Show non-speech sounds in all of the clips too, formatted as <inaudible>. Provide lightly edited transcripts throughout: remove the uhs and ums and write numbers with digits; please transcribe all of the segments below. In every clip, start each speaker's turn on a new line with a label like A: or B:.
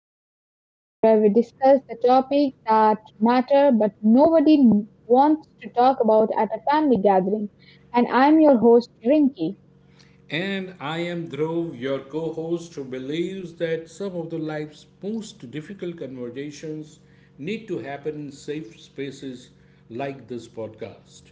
A: the podcast where we discuss the topic that matter but nobody wants to talk about at a family gathering. And I'm your host, Rinky.
B: And I am Dhruv, your co host, who believes that some of the life's most difficult conversations need to happen in safe spaces like this podcast.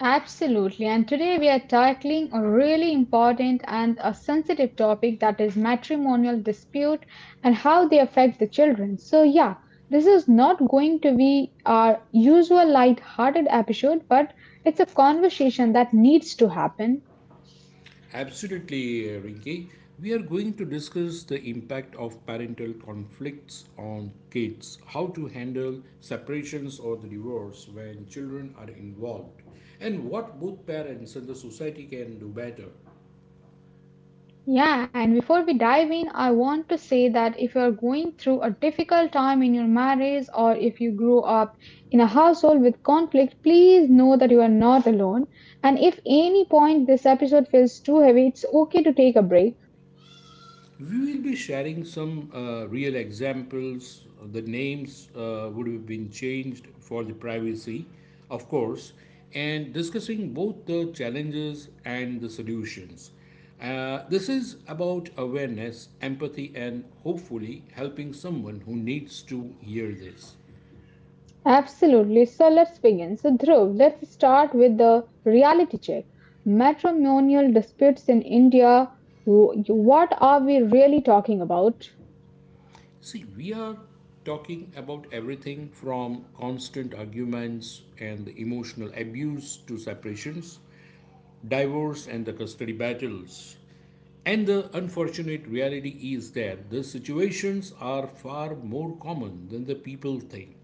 A: Absolutely. And today we are tackling a really important and a sensitive topic that is matrimonial dispute and how they affect the children. So yeah, this is not going to be our usual light-hearted episode, but it's a conversation that needs to happen.
B: Absolutely, Rinki. We are going to discuss the impact of parental conflicts on kids, how to handle separations or the divorce when children are involved, and what both parents and the society can do better.
A: Yeah, and before we dive in, I want to say that if you are going through a difficult time in your marriage or if you grew up in a household with conflict, please know that you are not alone. And if any point this episode feels too heavy, it's okay to take a break.
B: We will be sharing some real examples. The names would have been changed for the privacy, of course, and discussing both the challenges and the solutions. This is about awareness, empathy, and hopefully helping someone who needs to hear this.
A: Absolutely. So let's begin. So Dhruv, let's start with the reality check. Matrimonial disputes in India. What are we really talking about?
B: See, we are talking about everything from constant arguments and emotional abuse to separations divorce and the custody battles. And the unfortunate reality is that the situations are far more common than the people think.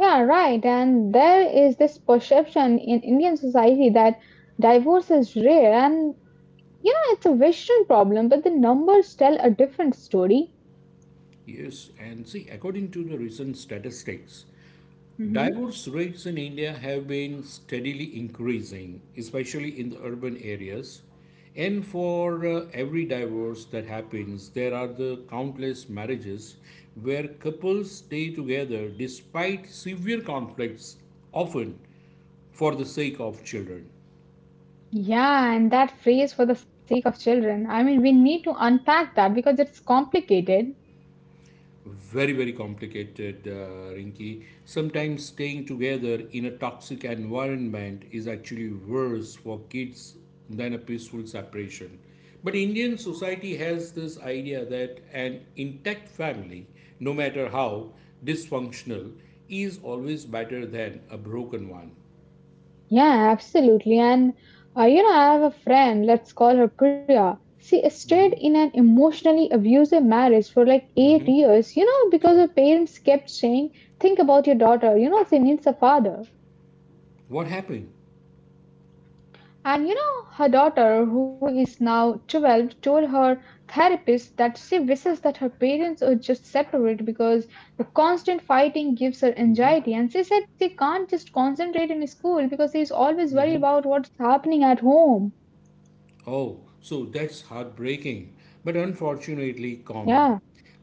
A: Yeah, right. And there is this perception in Indian society that divorce is rare and you know it's a Western problem, but the numbers tell a different story.
B: Yes, and see, according to the recent statistics, divorce rates in India have been steadily increasing, especially in the urban areas. And for every divorce that happens, there are the countless marriages where couples stay together despite severe conflicts, often for the sake of children.
A: Yeah, and that phrase for the sake of children. I mean, we need to unpack that because it's complicated.
B: Very, very complicated, Rinki. Sometimes staying together in a toxic environment is actually worse for kids than a peaceful separation. But Indian society has this idea that an intact family, no matter how dysfunctional, is always better than a broken one.
A: Yeah, absolutely. And you know, I have a friend, let's call her Priya. She stayed
B: Mm-hmm.
A: in an emotionally abusive marriage for like
B: Mm-hmm.
A: 8 years, you know, because
B: Oh.
A: her parents kept saying, think about your daughter, you know, she needs a father.
B: What happened?
A: And you know, her daughter, who is now 12, told her therapist that she wishes that her parents would just separate because the constant fighting gives her anxiety. And she said she can't just concentrate in school because she is always worried about what's happening at home.
B: Oh, so that's heartbreaking, but
A: Yeah.
B: unfortunately common.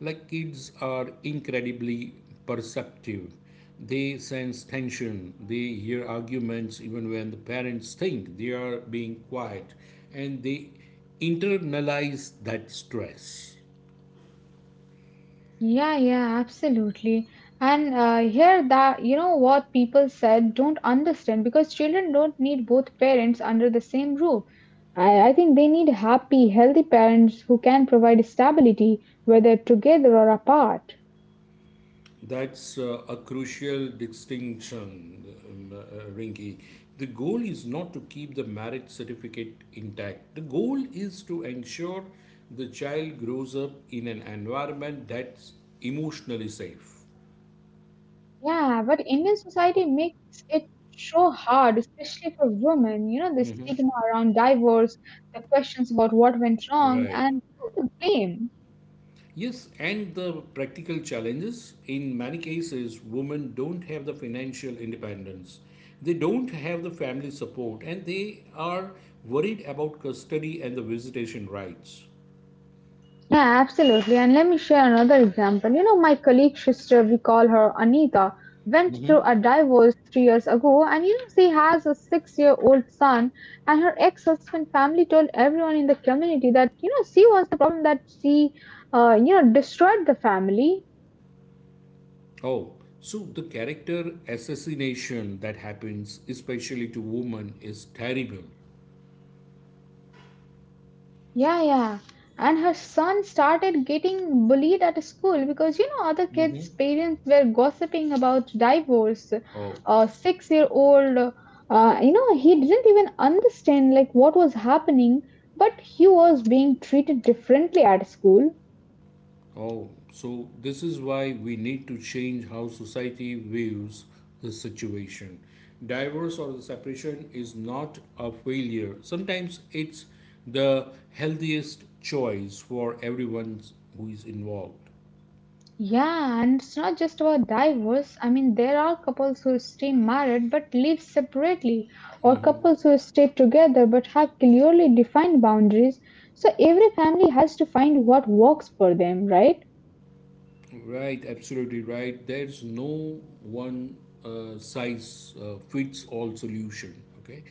B: Like kids are incredibly perceptive. They sense tension, they hear arguments even when the parents think they are being quiet, and they internalize that stress.
A: Yeah, yeah, absolutely. And here that you know what people said don't understand because children don't need both parents under the same roof. I think they need happy, healthy parents who can provide stability, whether together or apart.
B: That's a crucial distinction, Rinki. The goal is not to keep the marriage certificate intact. The goal is to ensure the child grows up in an environment that's emotionally safe.
A: Yeah, but Indian society makes it so hard, especially for women. You know, the
B: Mhm.
A: stigma around divorce, the questions about what went wrong,
B: Right.
A: and the blame.
B: Yes, and the practical challenges in many cases, women don't have the financial independence. They don't have the family support and they are worried about custody and the visitation rights.
A: Yeah, absolutely. And let me share another example. You know, my colleague's sister, we call her Anita, went
B: Hmm.
A: through a divorce 3 years ago, and you know, she has a 6 year old son. And her ex husband family told everyone in the community that, you know, she was the problem that she, you know, destroyed the family.
B: Oh, so the character assassination that happens, especially to women, is terrible.
A: Yeah, yeah. And her son started getting bullied at school because, you know, other kids'
B: Hmm.
A: parents were gossiping about divorce.
B: Oh,
A: A 6 year old, you know, he didn't even understand like what was happening, but he was being treated differently at school.
B: oh, so this is why we need to change how society views the situation. Divorce or the separation is not a failure. Sometimes it's the healthiest choice for everyone who is involved.
A: Yeah, and it's not just about divorce. I mean, there are couples who stay married but live separately, or couples who stay together but have clearly defined boundaries. So every family has to find what works for them, right?
B: Right, absolutely right. There's no one size fits all solution, okay?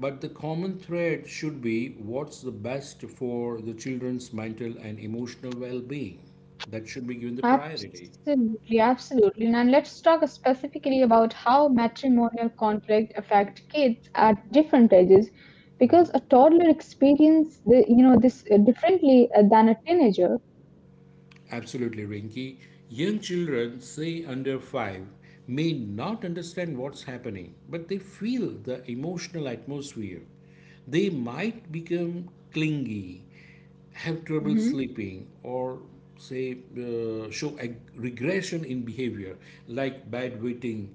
B: But the common thread should be what's the best for the children's mental and emotional well being. That should be given the priority.
A: Absolutely, absolutely. Now let's talk specifically about how matrimonial conflict affect kids at different ages, because a toddler experience the, you know this differently than a teenager.
B: Absolutely, Rinki. Young children, say under 5, may not understand what's happening, but they feel the emotional atmosphere. They might become clingy, have trouble
A: Mm-hmm.
B: sleeping, or regression in behavior like bad waiting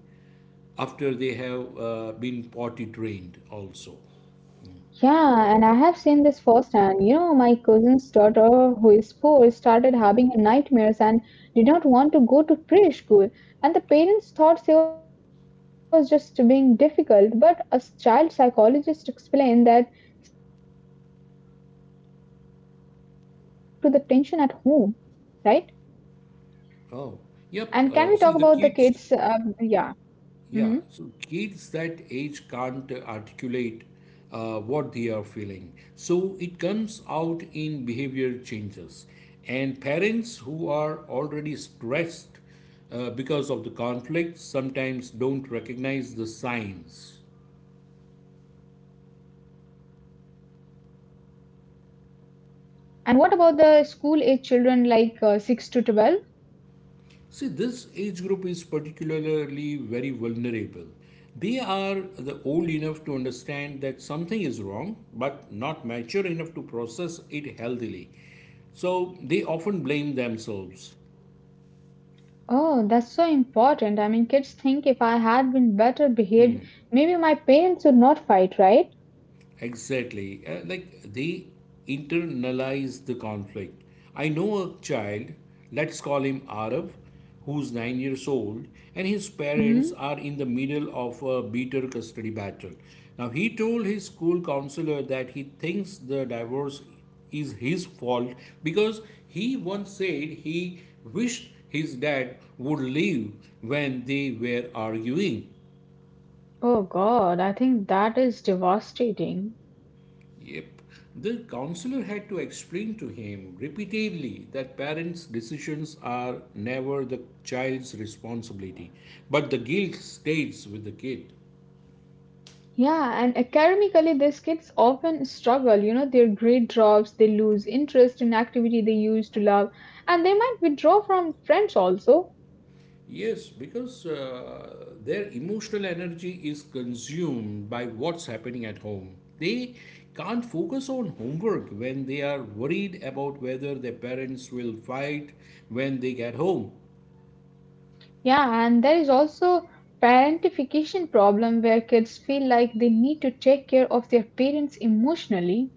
B: after they have been potty trained also.
A: Yeah, and I have seen this firsthand. You know, my cousin's daughter, who is 4, started having nightmares and did not want to go to preschool. And the parents thought she was just being difficult, but a child psychologist explained that she was actually responding to the tension at home, right? And
B: Oh,
A: can we talk
B: yep.
A: about the
B: Uh,
A: kids?
B: see, the kids
A: Yeah. Hmm.
B: Yeah, so kids that age can't articulate what they are feeling. So it comes out in behavior changes. And parents who are already stressed because of the conflict sometimes don't recognize the signs.
A: And what about the school age children like 6 to 12?
B: See, this age group is particularly very vulnerable. They are the old enough to understand that something is wrong, but not mature enough to process it healthily. So they often blame themselves.
A: Oh, that's so important. I mean, kids think if I had been better behaved,
B: Hmm.
A: maybe my parents would not fight, right?
B: Exactly. Like they internalize the conflict. I know a child, let's call him Arab, who's 9 years old, and his parents
A: Mhm.
B: are in the middle of a bitter custody battle. Now, he told his school counselor that he thinks the divorce is his fault because he once said he wished his dad would leave when they were arguing.
A: Oh God, I think that is devastating.
B: Yep. The counselor had to explain to him repeatedly that parents' decisions are never the child's responsibility, but the guilt stays with the kid.
A: Yeah, and academically, these kids often struggle. You know, their grade drops, they lose interest in activity they used to love, and they might withdraw from friends also.
B: Yes, because their emotional energy is consumed by what's happening at home. They can't focus on homework when they are worried about whether their parents will fight when they get home.
A: Yeah, and there is also parentification problem where kids feel like they need to take care of their parents emotionally.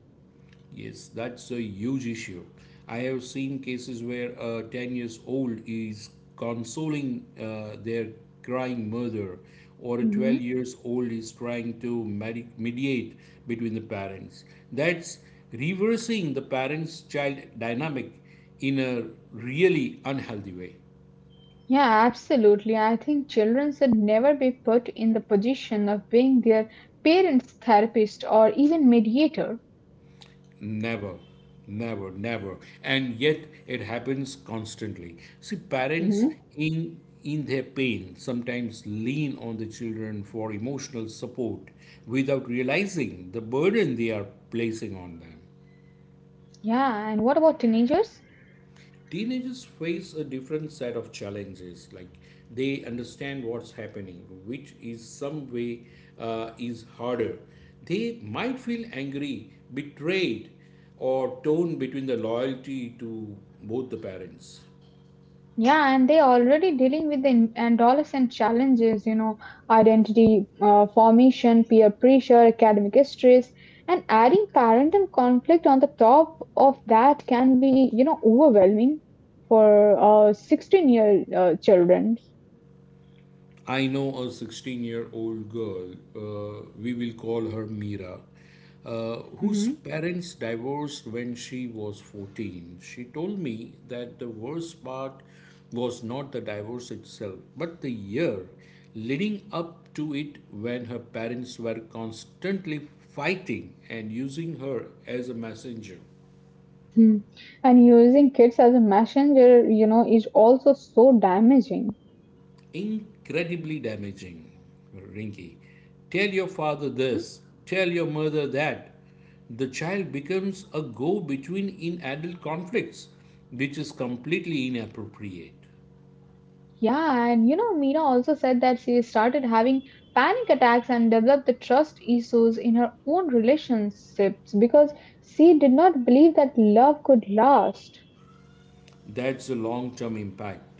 B: Yes, that's a huge issue. I have seen cases where a 10 years old is consoling their crying mother, or a 12 years old is trying to mediate between the parents. That's reversing the parents child dynamic in a really unhealthy way.
A: Yeah, absolutely. I think children should never be put in the position of being their parents' therapist or even mediator.
B: Never, never, never. And yet it happens constantly. See, parents
A: Hmm.
B: in their pain sometimes lean on the children for emotional support without realizing the burden they are placing on them.
A: Yeah, and what about teenagers?
B: Teenagers face a different set of challenges. Like they understand what's happening, which is some way is harder. They might feel angry, betrayed, or torn between the loyalty to both the parents.
A: Yeah, and they're already dealing with the adolescent challenges, you know, identity formation, peer pressure, academic stress, and adding parental conflict on the top of that can be, you know, overwhelming for 16 year children.
B: I know a 16-year-old girl, we will call her Mira, whose parents divorced when she was 14. She told me that the worst part was not the divorce itself, but the year leading up to it when her parents were constantly fighting and using her as a messenger.
A: Hmm. And using kids as a messenger, you know, is also so damaging.
B: Incredibly damaging. Rinky, tell your father
A: Hmm.
B: this, tell your mother that. The child becomes a go between in adult conflicts, which is completely inappropriate.
A: Yeah, and you know, Meena also said that she started having panic attacks and developed the trust issues in her own relationships because she did not believe that love could last.
B: That's the long term impact.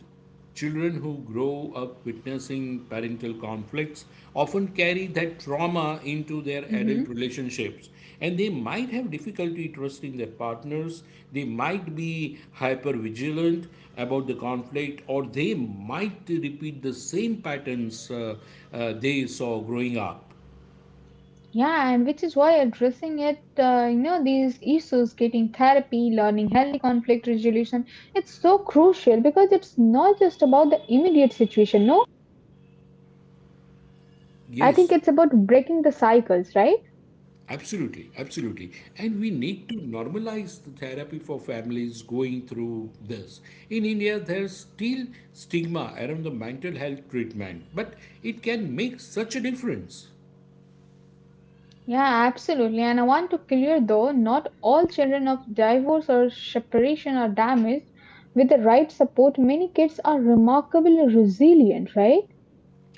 B: Children who grow up witnessing parental conflicts often carry that trauma into their
A: Hmm.
B: adult relationships, and they might have difficulty trusting their partners, they might be hyper vigilant about the conflict, or they might repeat the same patterns they saw growing up.
A: Yeah, and which is why addressing it, you know, these issues, getting therapy, learning healthy conflict resolution, it's so crucial because it's not just about the immediate situation. No, I think
B: Yes,
A: it's about breaking the cycles, right?
B: absolutely, absolutely. And we need to normalize the therapy for families going through this. In India, there's still stigma
A: Mm-hmm.
B: around the mental health treatment, but it can make such a difference.
A: Yeah, absolutely. And I want to clear though, not all children of divorce or separation are damaged. With the right support, many kids are remarkably resilient, right?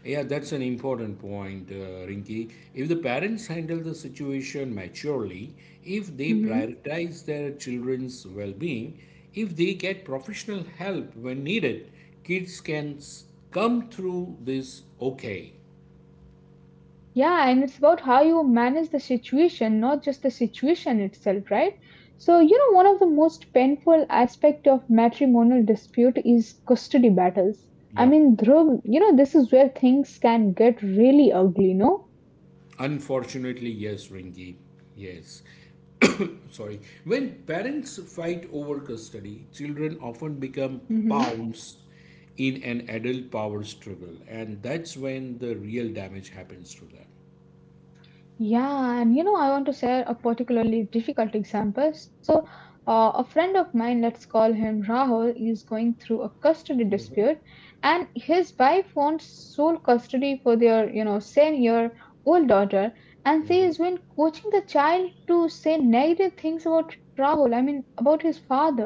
B: Yeah, that's an important point, Rinki. If the parents handle the situation maturely, if they
A: Mm-hmm.
B: prioritize their children's well being, if they get professional help when needed, kids can come through this okay.
A: Yeah, and it's about how you manage the situation, not just the situation itself, right? So, you know, one of the most painful aspect of matrimonial dispute is custody battles. I
B: Yep.
A: mean, Dhruv, you know, this is where things can get really ugly, no?
B: Unfortunately, yes, Ringy. Yes. <coughs> Sorry. When parents fight over custody, children often become pawns in an adult power struggle, and that's when the real damage happens to them.
A: Yeah, and you know, I want to share a particularly difficult example. So, a friend of mine, let's call him Rahul, is going through a custody dispute, and his wife wants sole custody for their, you know, seven-year-old daughter, and she has been coaching the child to say negative things about Rahul. I mean, about his father.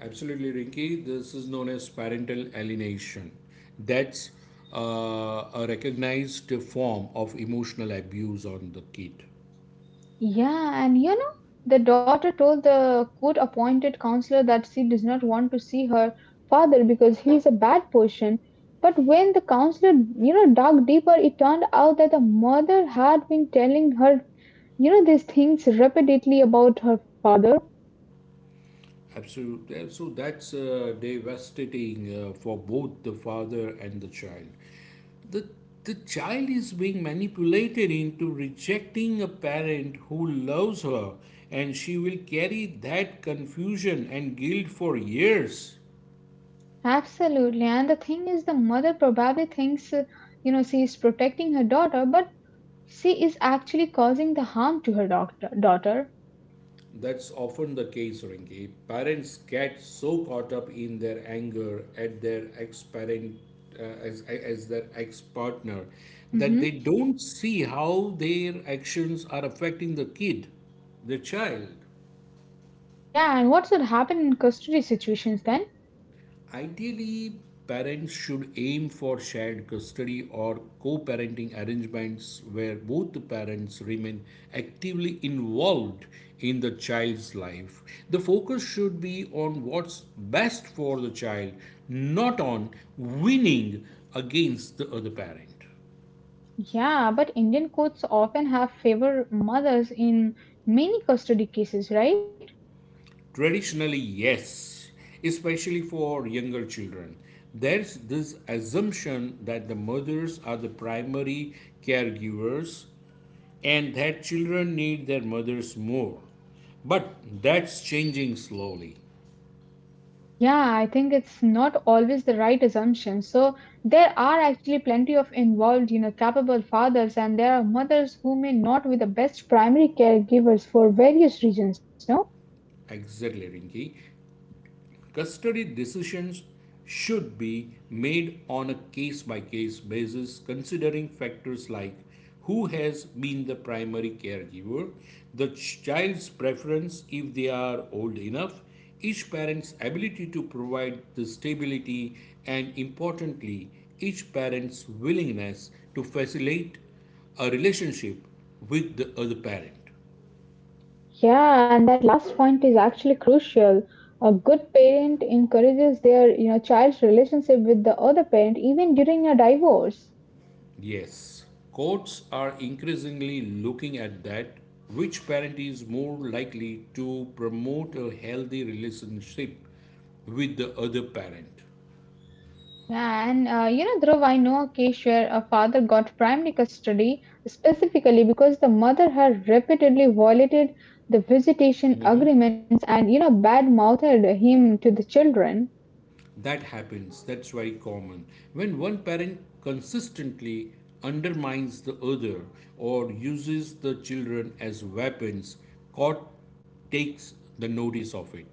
B: Absolutely, Rinky. This is known as parental alienation. That's a recognized form of emotional abuse on the kid.
A: Yeah, and you know, the daughter told the court appointed counselor that she does not want to see her father because he is a bad person. But when the counselor, you know, dug deeper, it turned out that the mother had been telling her, you know, these things repeatedly about her father.
B: Absolutely. So that's devastating for both the father and the child. The, the child is being manipulated into rejecting a parent who loves her, and she will carry that confusion and guilt for years.
A: Absolutely. And the thing is, the mother probably thinks, you know, she is protecting her daughter, but she is actually causing the harm to her doctor, daughter.
B: That's often the case, Rinki. Parents get so caught up in their anger at their ex parent. As their ex partner,
A: Mm-hmm.
B: that they don't see how their actions are affecting the kid, the child.
A: Yeah, and what should happen in custody situations then?
B: Ideally, parents should aim for shared custody or co parenting arrangements where both the parents remain actively involved in the child's life. The focus should be on what's best for the child, not on winning against the other parent.
A: Yeah, but Indian courts often have favor mothers in many custody cases, right?
B: Traditionally, yes, especially for younger children. There's this assumption that the mothers are the primary caregivers and that children need their mothers more. But that's changing slowly.
A: Yeah, I think it's not always the right assumption. So there are actually plenty of involved, you know, capable fathers, and there are mothers who may not be the best primary caregivers for various reasons, no?
B: Exactly, Rinki. Custody decisions should be made on a case by case basis, considering factors like who has been the primary caregiver, the child's preference if they are old enough, each parent's ability to provide the stability, and importantly, each parent's willingness to facilitate a relationship with the other parent.
A: Yeah, and that last point is actually crucial. A good parent encourages their, you know, child's relationship with the other parent even during a divorce.
B: Yes, courts are increasingly looking at that which parent is more likely to promote a healthy relationship with the other parent.
A: Yeah, and you know, Dhruv, I know a case where a father got primary custody specifically because the mother had repeatedly violated the visitation agreements and, you know, bad-mouthed him to the children.
B: That happens, that's very common. When one parent consistently undermines the other or uses the children as weapons, court takes the notice of it.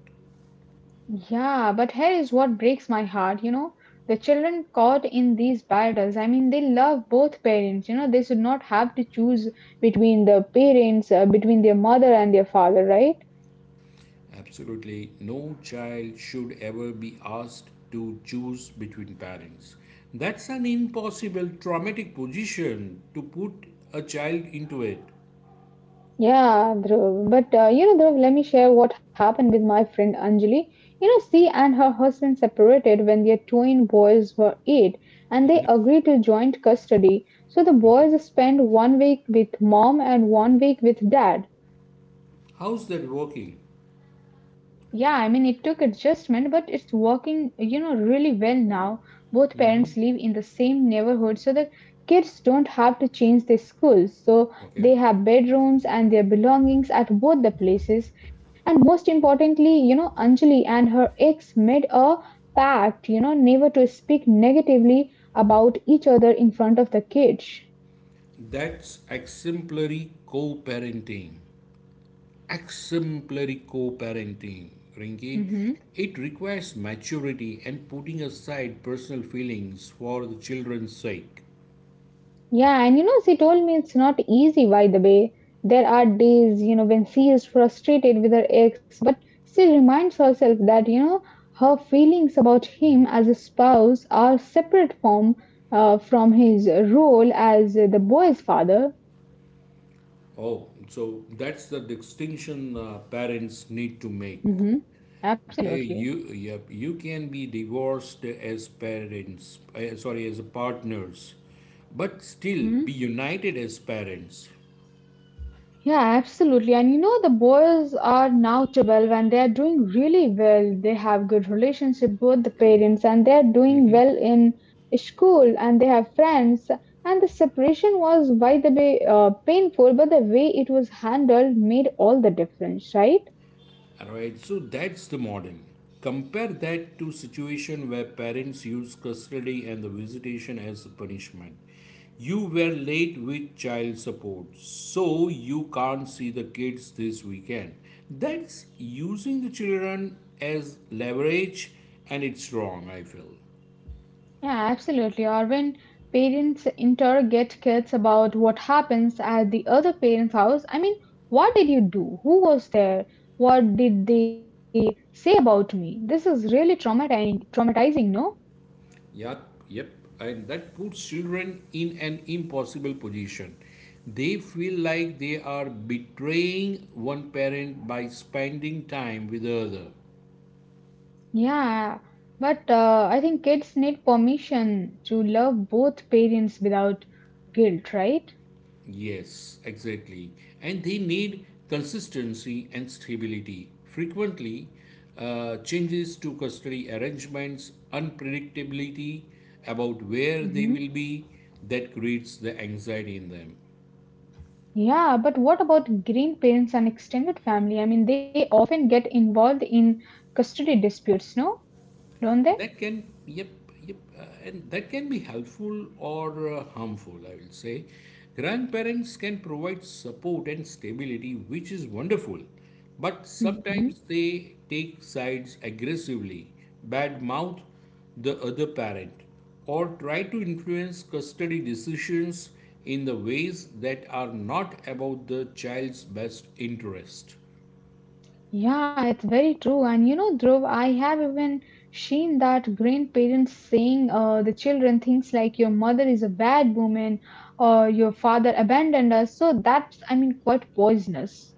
A: Yeah, but here is what breaks my heart, you know. The children caught in these battles, I mean, they love both parents, you know, they should not have to choose between the parents, between their mother and their father, right?
B: Absolutely. No child should ever be asked to choose between parents. That's an impossible traumatic position to put a child into it.
A: Yeah, Dhruv. But you know, Dhruv, let me share what happened with my friend Anjali. You know, she and her husband separated when their twin boys were 8, and they agreed to joint custody. So the boys spent 1 week with mom and 1 week with dad.
B: How's that working?
A: Yeah, I mean, it took adjustment, but it's working, you know, really well now. Both parents live in the same neighborhood, so the kids don't have to change their schools. So
B: Okay.
A: they have bedrooms and their belongings at both the places. Most importantly, you know, Anjali and her ex made a pact, you know, never to speak negatively about each other in front of the kids.
B: That's exemplary co parenting. Exemplary co parenting, Rinki.
A: Hmm.
B: It requires maturity and putting aside personal feelings for the children's sake.
A: Yeah, and you know, she told me it's not easy, by the way. There are days, you know, when she is frustrated with her ex, but she reminds herself that, you know, her feelings about him as a spouse are separate from his role as the boy's father.
B: Oh, so that's the distinction parents need to make.
A: Hmm.
B: Okay,
A: Absolutely.
B: you can be divorced as parents, as partners, but still be
A: Hmm.
B: united as parents.
A: Yeah, absolutely. And you know, the boys are now 12 and they are doing really well. They have good relationship with the parents and they are doing well in school and they have friends. And the separation was, by the way, painful, but the way it was handled made all the difference, right?
B: All right, so that's the model. Compare that to situation where parents use custody and the visitation as a punishment. You were late with child support, so you can't see the kids this weekend. That's using the children as leverage, and it's wrong, I feel.
A: Yeah, absolutely. Or when parents interrogate kids about what happens at the other parent's house, I mean, what did you do? Who was there? What did they say about me? This is really traumatizing, no?
B: Yeah, yep. And that puts children in an impossible position. They feel like they are betraying one parent by spending time with the other.
A: Yeah, but I think kids need permission to love both parents without guilt, right?
B: Yes, exactly. And they need consistency and stability. Frequently, changes to custody arrangements, unpredictability about where they
A: Hmm.
B: will be, that creates the anxiety in them.
A: Yeah, but what about grandparents and extended family? I mean, they often get involved in custody disputes, no? Don't they?
B: That can, yep, yep, And that can be helpful or harmful, I will say. Grandparents can provide support and stability, which is wonderful, but
A: Mhm.
B: sometimes they take sides aggressively, bad mouth the other parent, or try to influence custody decisions in the ways that are not about the child's best interest.
A: Yeah, it's very true. And you know, Dhruv, I have even seen that grandparents saying the children things like your mother is a bad woman or your father abandoned us. So that's, I mean, quite poisonous.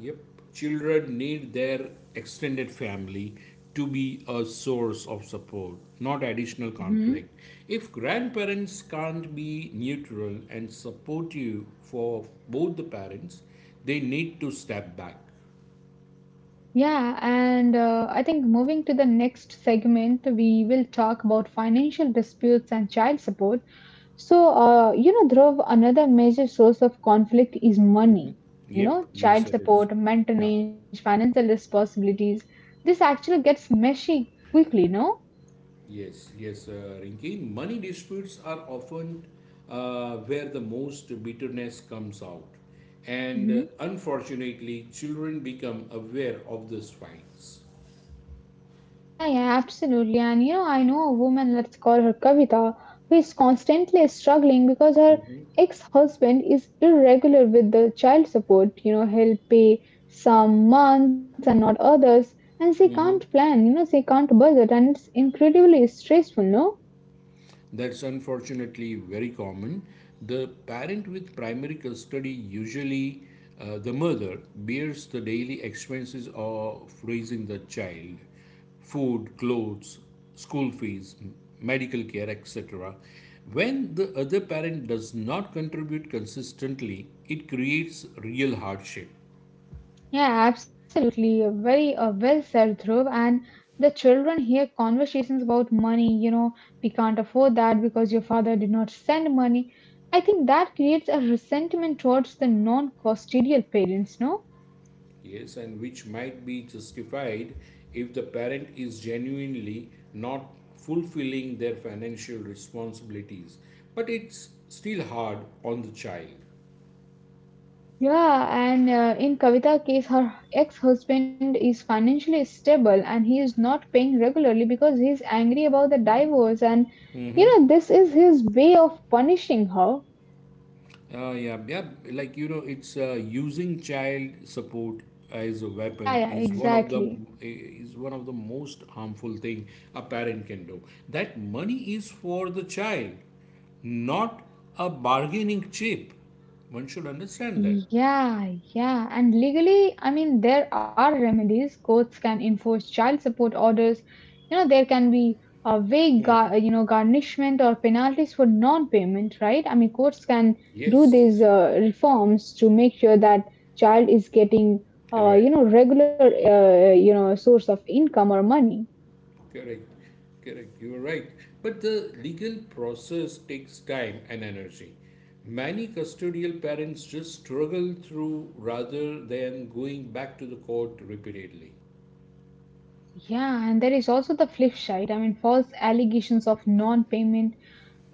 B: Yep. Children need their extended family to be a source of support, not additional
A: Hmm.
B: conflict. If grandparents can't be neutral and supportive for both the parents, they need to step back.
A: Yeah, and I think moving to the next segment, we will talk about financial disputes and child support. So, you know, Dhruv, another major source of conflict is money. You
B: Yep,
A: know,
B: yes,
A: child
B: it is.
A: support,
B: Yeah,
A: maintenance, financial responsibilities. This actually gets messy quickly, no?
B: yes, yes, Rinki. Money disputes are often where the most bitterness comes out. And
A: Hmm.
B: unfortunately, children become aware of these fights.
A: Yeah, yeah, absolutely. And, you know, I know a woman, let's call her Kavita, who is constantly struggling because her ex-husband is irregular with the child support. You know, he'll pay some months and not others. And she can't plan, you know, she can't budget. And it's incredibly stressful, no?
B: That's unfortunately very common. The parent with primary custody, usually the mother, bears the daily expenses of raising the child, food, clothes, school fees, medical care, etc. When the other parent does not contribute consistently, it creates real hardship.
A: Yeah, absolutely. A very well said, Dhruv. And the children hear conversations about money, you know, we can't afford that because your father did not send money. I think that creates a resentment towards the non-custodial parents, no?
B: Yes, and which might be justified if the parent is genuinely not fulfilling their financial responsibilities. But it's still hard on the child.
A: Yeah, and in Kavita's case, her ex-husband is financially stable and he is not paying regularly because he's angry about the divorce. And, you know, this is his way of punishing her.
B: Yeah, yeah, like you know, it's Using child support as a
A: Yeah,
B: weapon
A: yeah,
B: is one of the
A: exactly.
B: is one of the most harmful thing a parent can do. That money is for the child, not a bargaining chip. One should understand that.
A: Yeah, yeah. And legally, I mean, there are remedies. Courts can enforce child support orders. You know, there can be
B: Hmm.
A: you know, garnishment or penalties for non-payment, right? I mean, courts can do
B: Yes.
A: these reforms to make sure that child is getting, you
B: Correct,
A: know, regular, you know, source of income or money.
B: correct, correct. You are right. But the legal process takes time and energy. Many custodial parents just struggle through rather than going back to the court repeatedly.
A: Yeah, and there is also the flip side. I mean, false allegations of non-payment.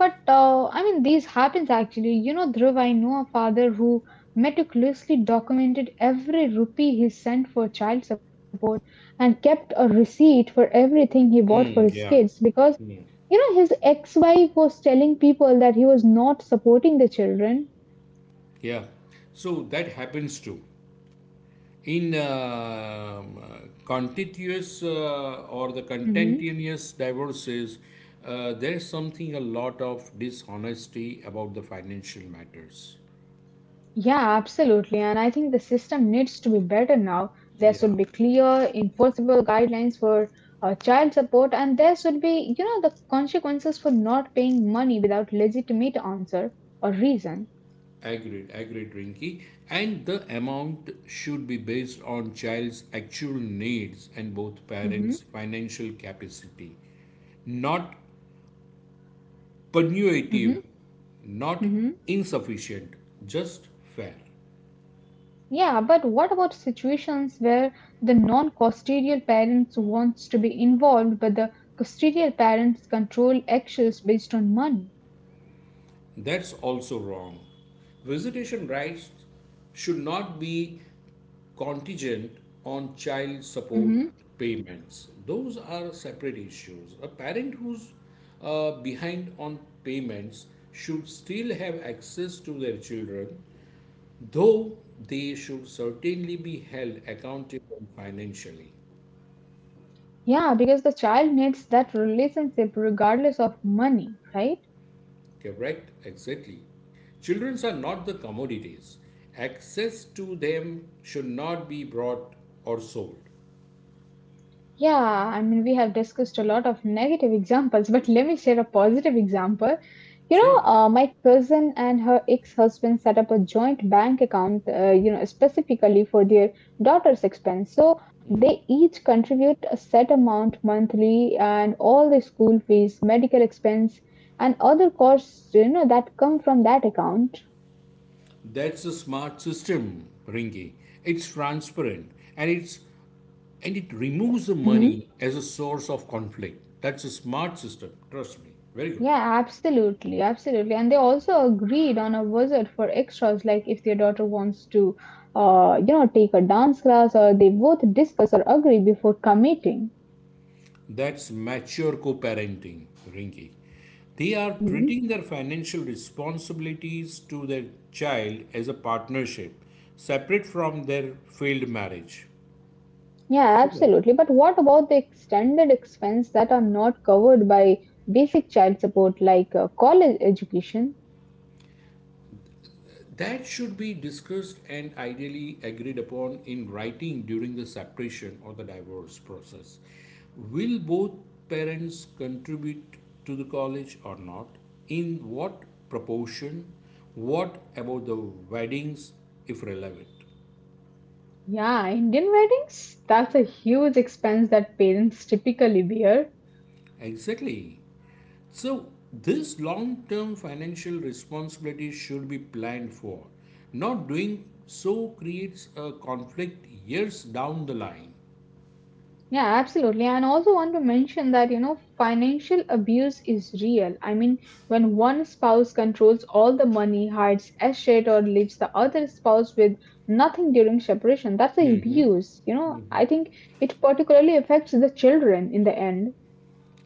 A: But I mean, these happens actually. You know, Dhruv, I know a father who meticulously documented every rupee he sent for child support and kept a receipt for everything he bought for his
B: Mm, yeah.
A: kids because,
B: Mm.
A: you know, his ex wife was telling people that he was not supporting the children.
B: Yeah. So that happens too. In um, uh, contentious or the
A: Mm-hmm.
B: contentious divorces, there's something a lot of dishonesty about the financial matters.
A: Yeah, absolutely. And I think the system needs to be better now. There
B: Yeah.
A: should be clear, enforceable guidelines for child support, and there should be, you know, the consequences for not paying money without legitimate answer or reason.
B: Agreed, agreed, Rinky. And the amount should be based on child's actual needs and both
A: Mm-hmm,
B: parents' financial capacity, not punitive,
A: mm-hmm,
B: not
A: mm-hmm.
B: insufficient, just fair.
A: Yeah, but what about situations where the non-custodial parents wants to be involved, but the custodial parents control actions based on money?
B: That's also wrong. Visitation rights should not be contingent on child support
A: Mm-hmm.
B: payments. Those are separate issues. A parent who's behind on payments should still have access to their children, though they should certainly be held accountable financially.
A: Yeah, because the child needs that relationship regardless of money, right?
B: Correct, exactly. Children are not the commodities. Access to them should not be bought or sold.
A: Yeah, I mean, we have discussed a lot of negative examples, but let me share a positive example. You
B: Sure.
A: know, my cousin and her ex-husband set up a joint bank account, you know, specifically for their daughter's expense. So they each contribute a set amount monthly, and all the school fees, medical expense, and other costs, you know, that come from that account.
B: That's a smart system, Ringy. It's transparent and it removes the money as a source of conflict. That's a smart system, trust me. Very good.
A: Yeah, absolutely, absolutely. And they also agreed on a visit for extras, like if their daughter wants to, you know, take a dance class, or they both discuss or agree before committing.
B: That's mature co parenting, Rinki. They are
A: Hmm.
B: treating their financial responsibilities to their child as a partnership, separate from their failed marriage.
A: Yeah,
B: Super.
A: absolutely. But what about the extended expense that are not covered by basic child support, like college education?
B: That should be discussed and ideally agreed upon in writing during the separation or the divorce process. Will both parents contribute to the college or not? In what proportion? What about the weddings if relevant?
A: Yeah, Indian weddings, that's a huge expense that parents typically bear.
B: Exactly. So, this long term financial responsibility should be planned for. Not doing so creates a conflict years down the line.
A: Yeah, absolutely. And also want to mention that, you know, financial abuse is real. I mean, when one spouse controls all the money, hides estate, or leaves the other spouse with nothing during separation, that's a abuse. You know, I think it particularly affects the children in the end.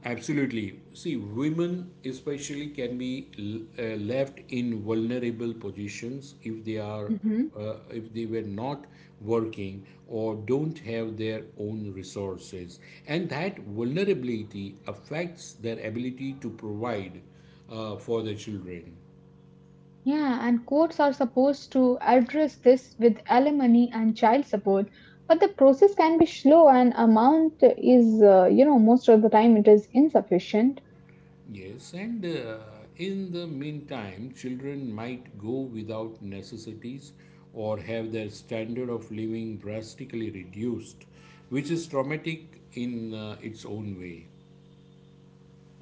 B: Absolutely. See, women especially can be left in vulnerable positions if they are,
A: Hmm.
B: if they were not working or don't have their own resources, and that vulnerability affects their ability to provide for their children.
A: Yeah, and courts are supposed to address this with alimony and child support, but the process can be slow and amount is, you know, most of the time it is insufficient.
B: Yes, and in the meantime, children might go without necessities or have their standard of living drastically reduced, which is traumatic in its own way.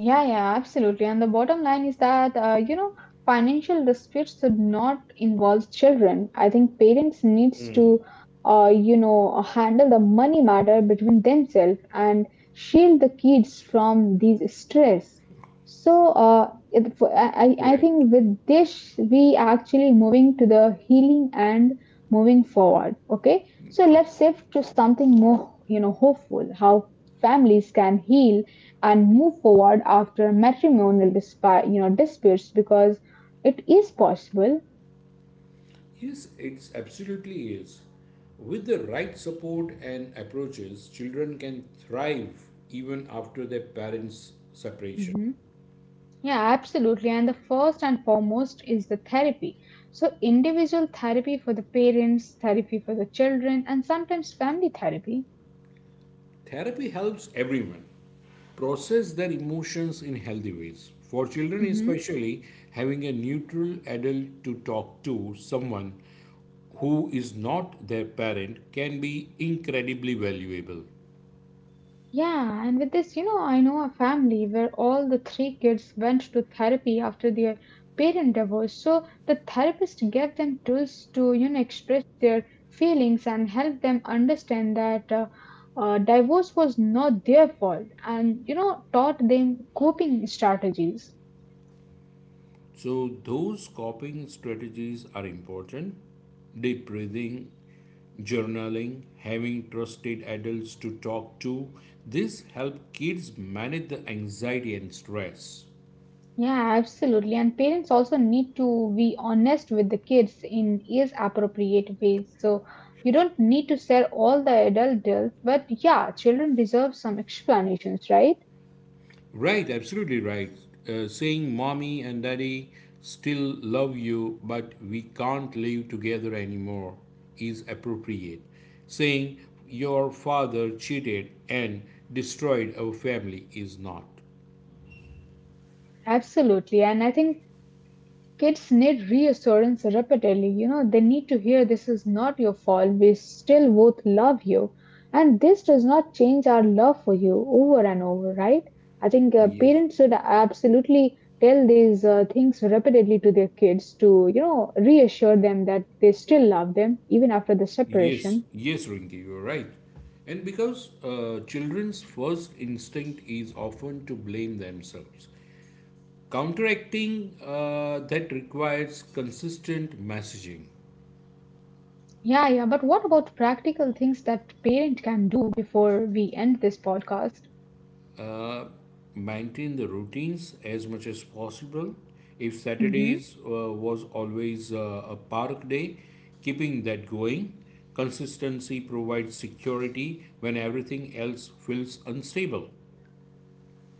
A: Yeah, yeah, absolutely. And the bottom line is that, you know, financial disputes should not involve children. I think parents needs
B: Mm.
A: to, you know, handle the money matter between themselves and shield the kids from these stress. So, it, for- I
B: Correct.
A: think with this, we actually moving to the healing and moving forward. Okay. So
B: Okay.
A: let's shift to something more, you know, hopeful, how families can heal and move forward after you know disputes because it is possible.
B: Yes, it's absolutely is. With the right support and approaches, children can thrive even after their parents' separation.
A: Hmm. Yeah, absolutely, and the first and foremost is the therapy. So individual therapy for the parents, therapy for the children, and sometimes family therapy.
B: Therapy helps everyone process their emotions in healthy ways. For children, especially, having a neutral adult to talk to, someone who is not their parent, can be incredibly valuable.
A: Yeah, and with this, you know, I know a family where all the three kids went to therapy after their parent divorce. So the therapist gave them tools to, you know, express their feelings and help them understand that divorce was not their fault and, you know, taught them coping strategies.
B: So, those coping strategies are important. Deep breathing, journaling, having trusted adults to talk to, this help kids manage the anxiety and stress.
A: Yeah, absolutely. And parents also need to be honest with the kids in age appropriate ways. So you don't need to share all the adult deals, but yeah, children deserve some explanations, right?
B: Right, absolutely right. Saying mommy and daddy still love you, but we can't live together anymore is appropriate. Saying your father cheated and destroyed our family is not.
A: Absolutely. And I think kids need reassurance repeatedly. You know, they need to hear this is not your fault. We still both love you. And this does not change our love for you over and over, right? I think
B: Yes,
A: parents should absolutely tell these things repeatedly to their kids to, you know, reassure them that they still love them even after the
B: yes,
A: separation.
B: yes, Rinki, you're right. And because children's first instinct is often to blame themselves, counteracting that requires consistent messaging.
A: Yeah, yeah. But what about practical things that parent can do before we end this podcast?
B: Maintain the routines as much as possible. If
A: Mhm.
B: Saturdays was always a park day, keeping that going. Consistency provides security when everything else feels unstable.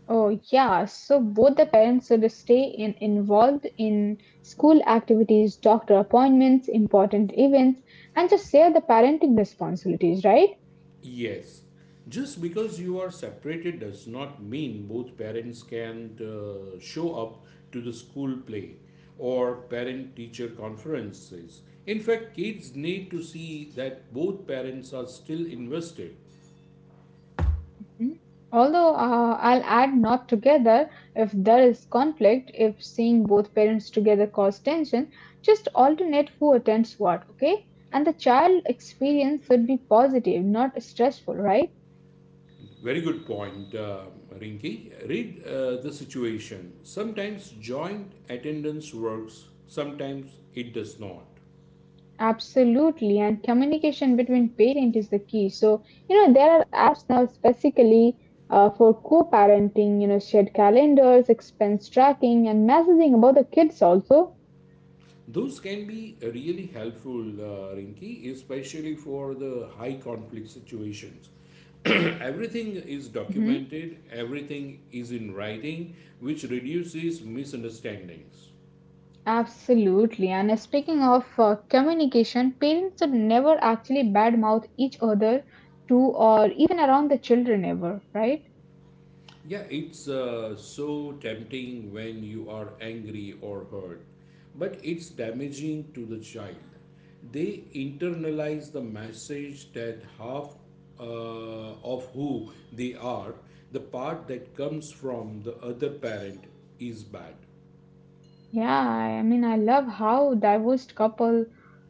A: Oh, yeah. So both the parents should stay involved in school activities, doctor appointments, important events, and just share the parenting responsibilities, right?
B: Yes, just because you are separated does not mean both parents can show up to the school play or parent teacher conferences. In fact, kids need to see that both parents are still invested.
A: Mhm. Although I'll add not together if there is conflict, if seeing both parents together cause tension, just alternate who attends what, okay? And the child experience should be positive, not stressful, right?
B: Very good point, Rinki. Read the situation. Sometimes joint attendance works, sometimes it does not.
A: Absolutely, and communication between parent is the key. So, you know, there are apps now specifically for co-parenting, you know, shared calendars, expense tracking, and messaging about the kids also.
B: Those can be really helpful, Rinki, especially for the high conflict situations. <clears throat> Everything is
A: Hmm.
B: documented, everything is in writing, which reduces misunderstandings.
A: Absolutely, and speaking of communication, parents should never actually badmouth each other to or even around the children ever, right?
B: Yeah, it's so tempting when you are angry or hurt, but it's damaging to the child. They internalize the message that half, uh, of who they are, the part that comes from the other parent, is bad.
A: Yeah, I mean, I love how divorced couple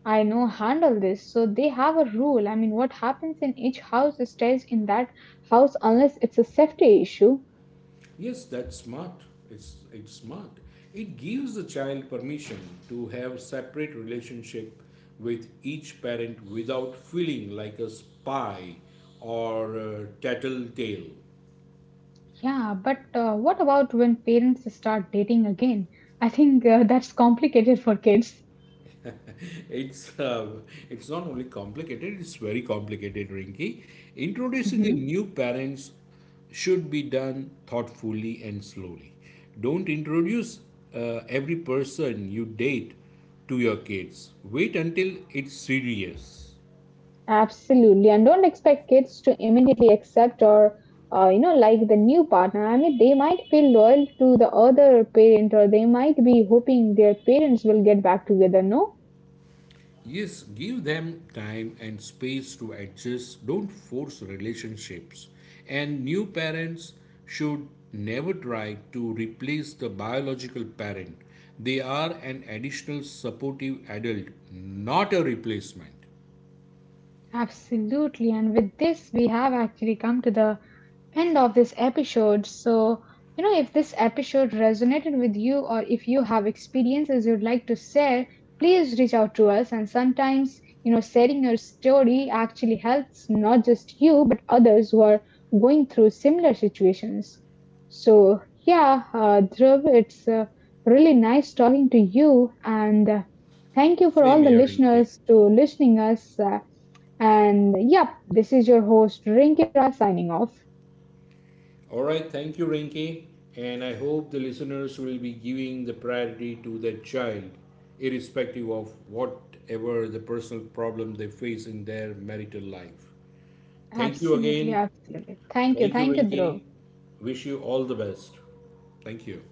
A: I know handle this. So they have a rule. I mean, what happens in each house stays in that house unless it's a safety issue.
B: Yes, that's smart. It's smart. It gives the child permission to have separate relationship with each parent without feeling like a spy or a tattletale.
A: Yeah, but what about when parents start dating again? I think that's complicated for kids.
B: It's uh, it's not only complicated; it's very complicated, Rinky. Introducing the
A: Hmm.
B: new parents should be done thoughtfully and slowly. Don't introduce every person you date to your kids. Wait until it's serious.
A: Absolutely, and don't expect kids to immediately accept or you know like the new partner. I mean, they might feel loyal to the other parent, or they might be hoping their parents will get back together. No.
B: Yes, give them time and space to adjust. Don't force relationships. And new parents should never try to replace the biological parent. They are an additional supportive adult, not a replacement.
A: Absolutely. And with this, we have actually come to the end of this episode. So, you know, if this episode resonated with you or if you have experiences you'd like to share, please reach out to us. And sometimes, you know, sharing your story actually helps not just you, but others who are going through similar situations. So, yeah, Dhruv, it's really nice talking to you. And thank you for all
B: Same
A: the
B: here, Rinke.
A: listeners to listening us. And yep, this is your host Rinki Raj signing off.
B: All right, thank you, Rinke. And I hope the listeners will be giving the priority to their child, irrespective of whatever the personal problem they face in their marital life. Thank you
A: Absolutely,
B: again.
A: absolutely.
B: Thank you,
A: Thank you,
B: Rinki.
A: Dhruv.
B: Wish you all the best. Thank you.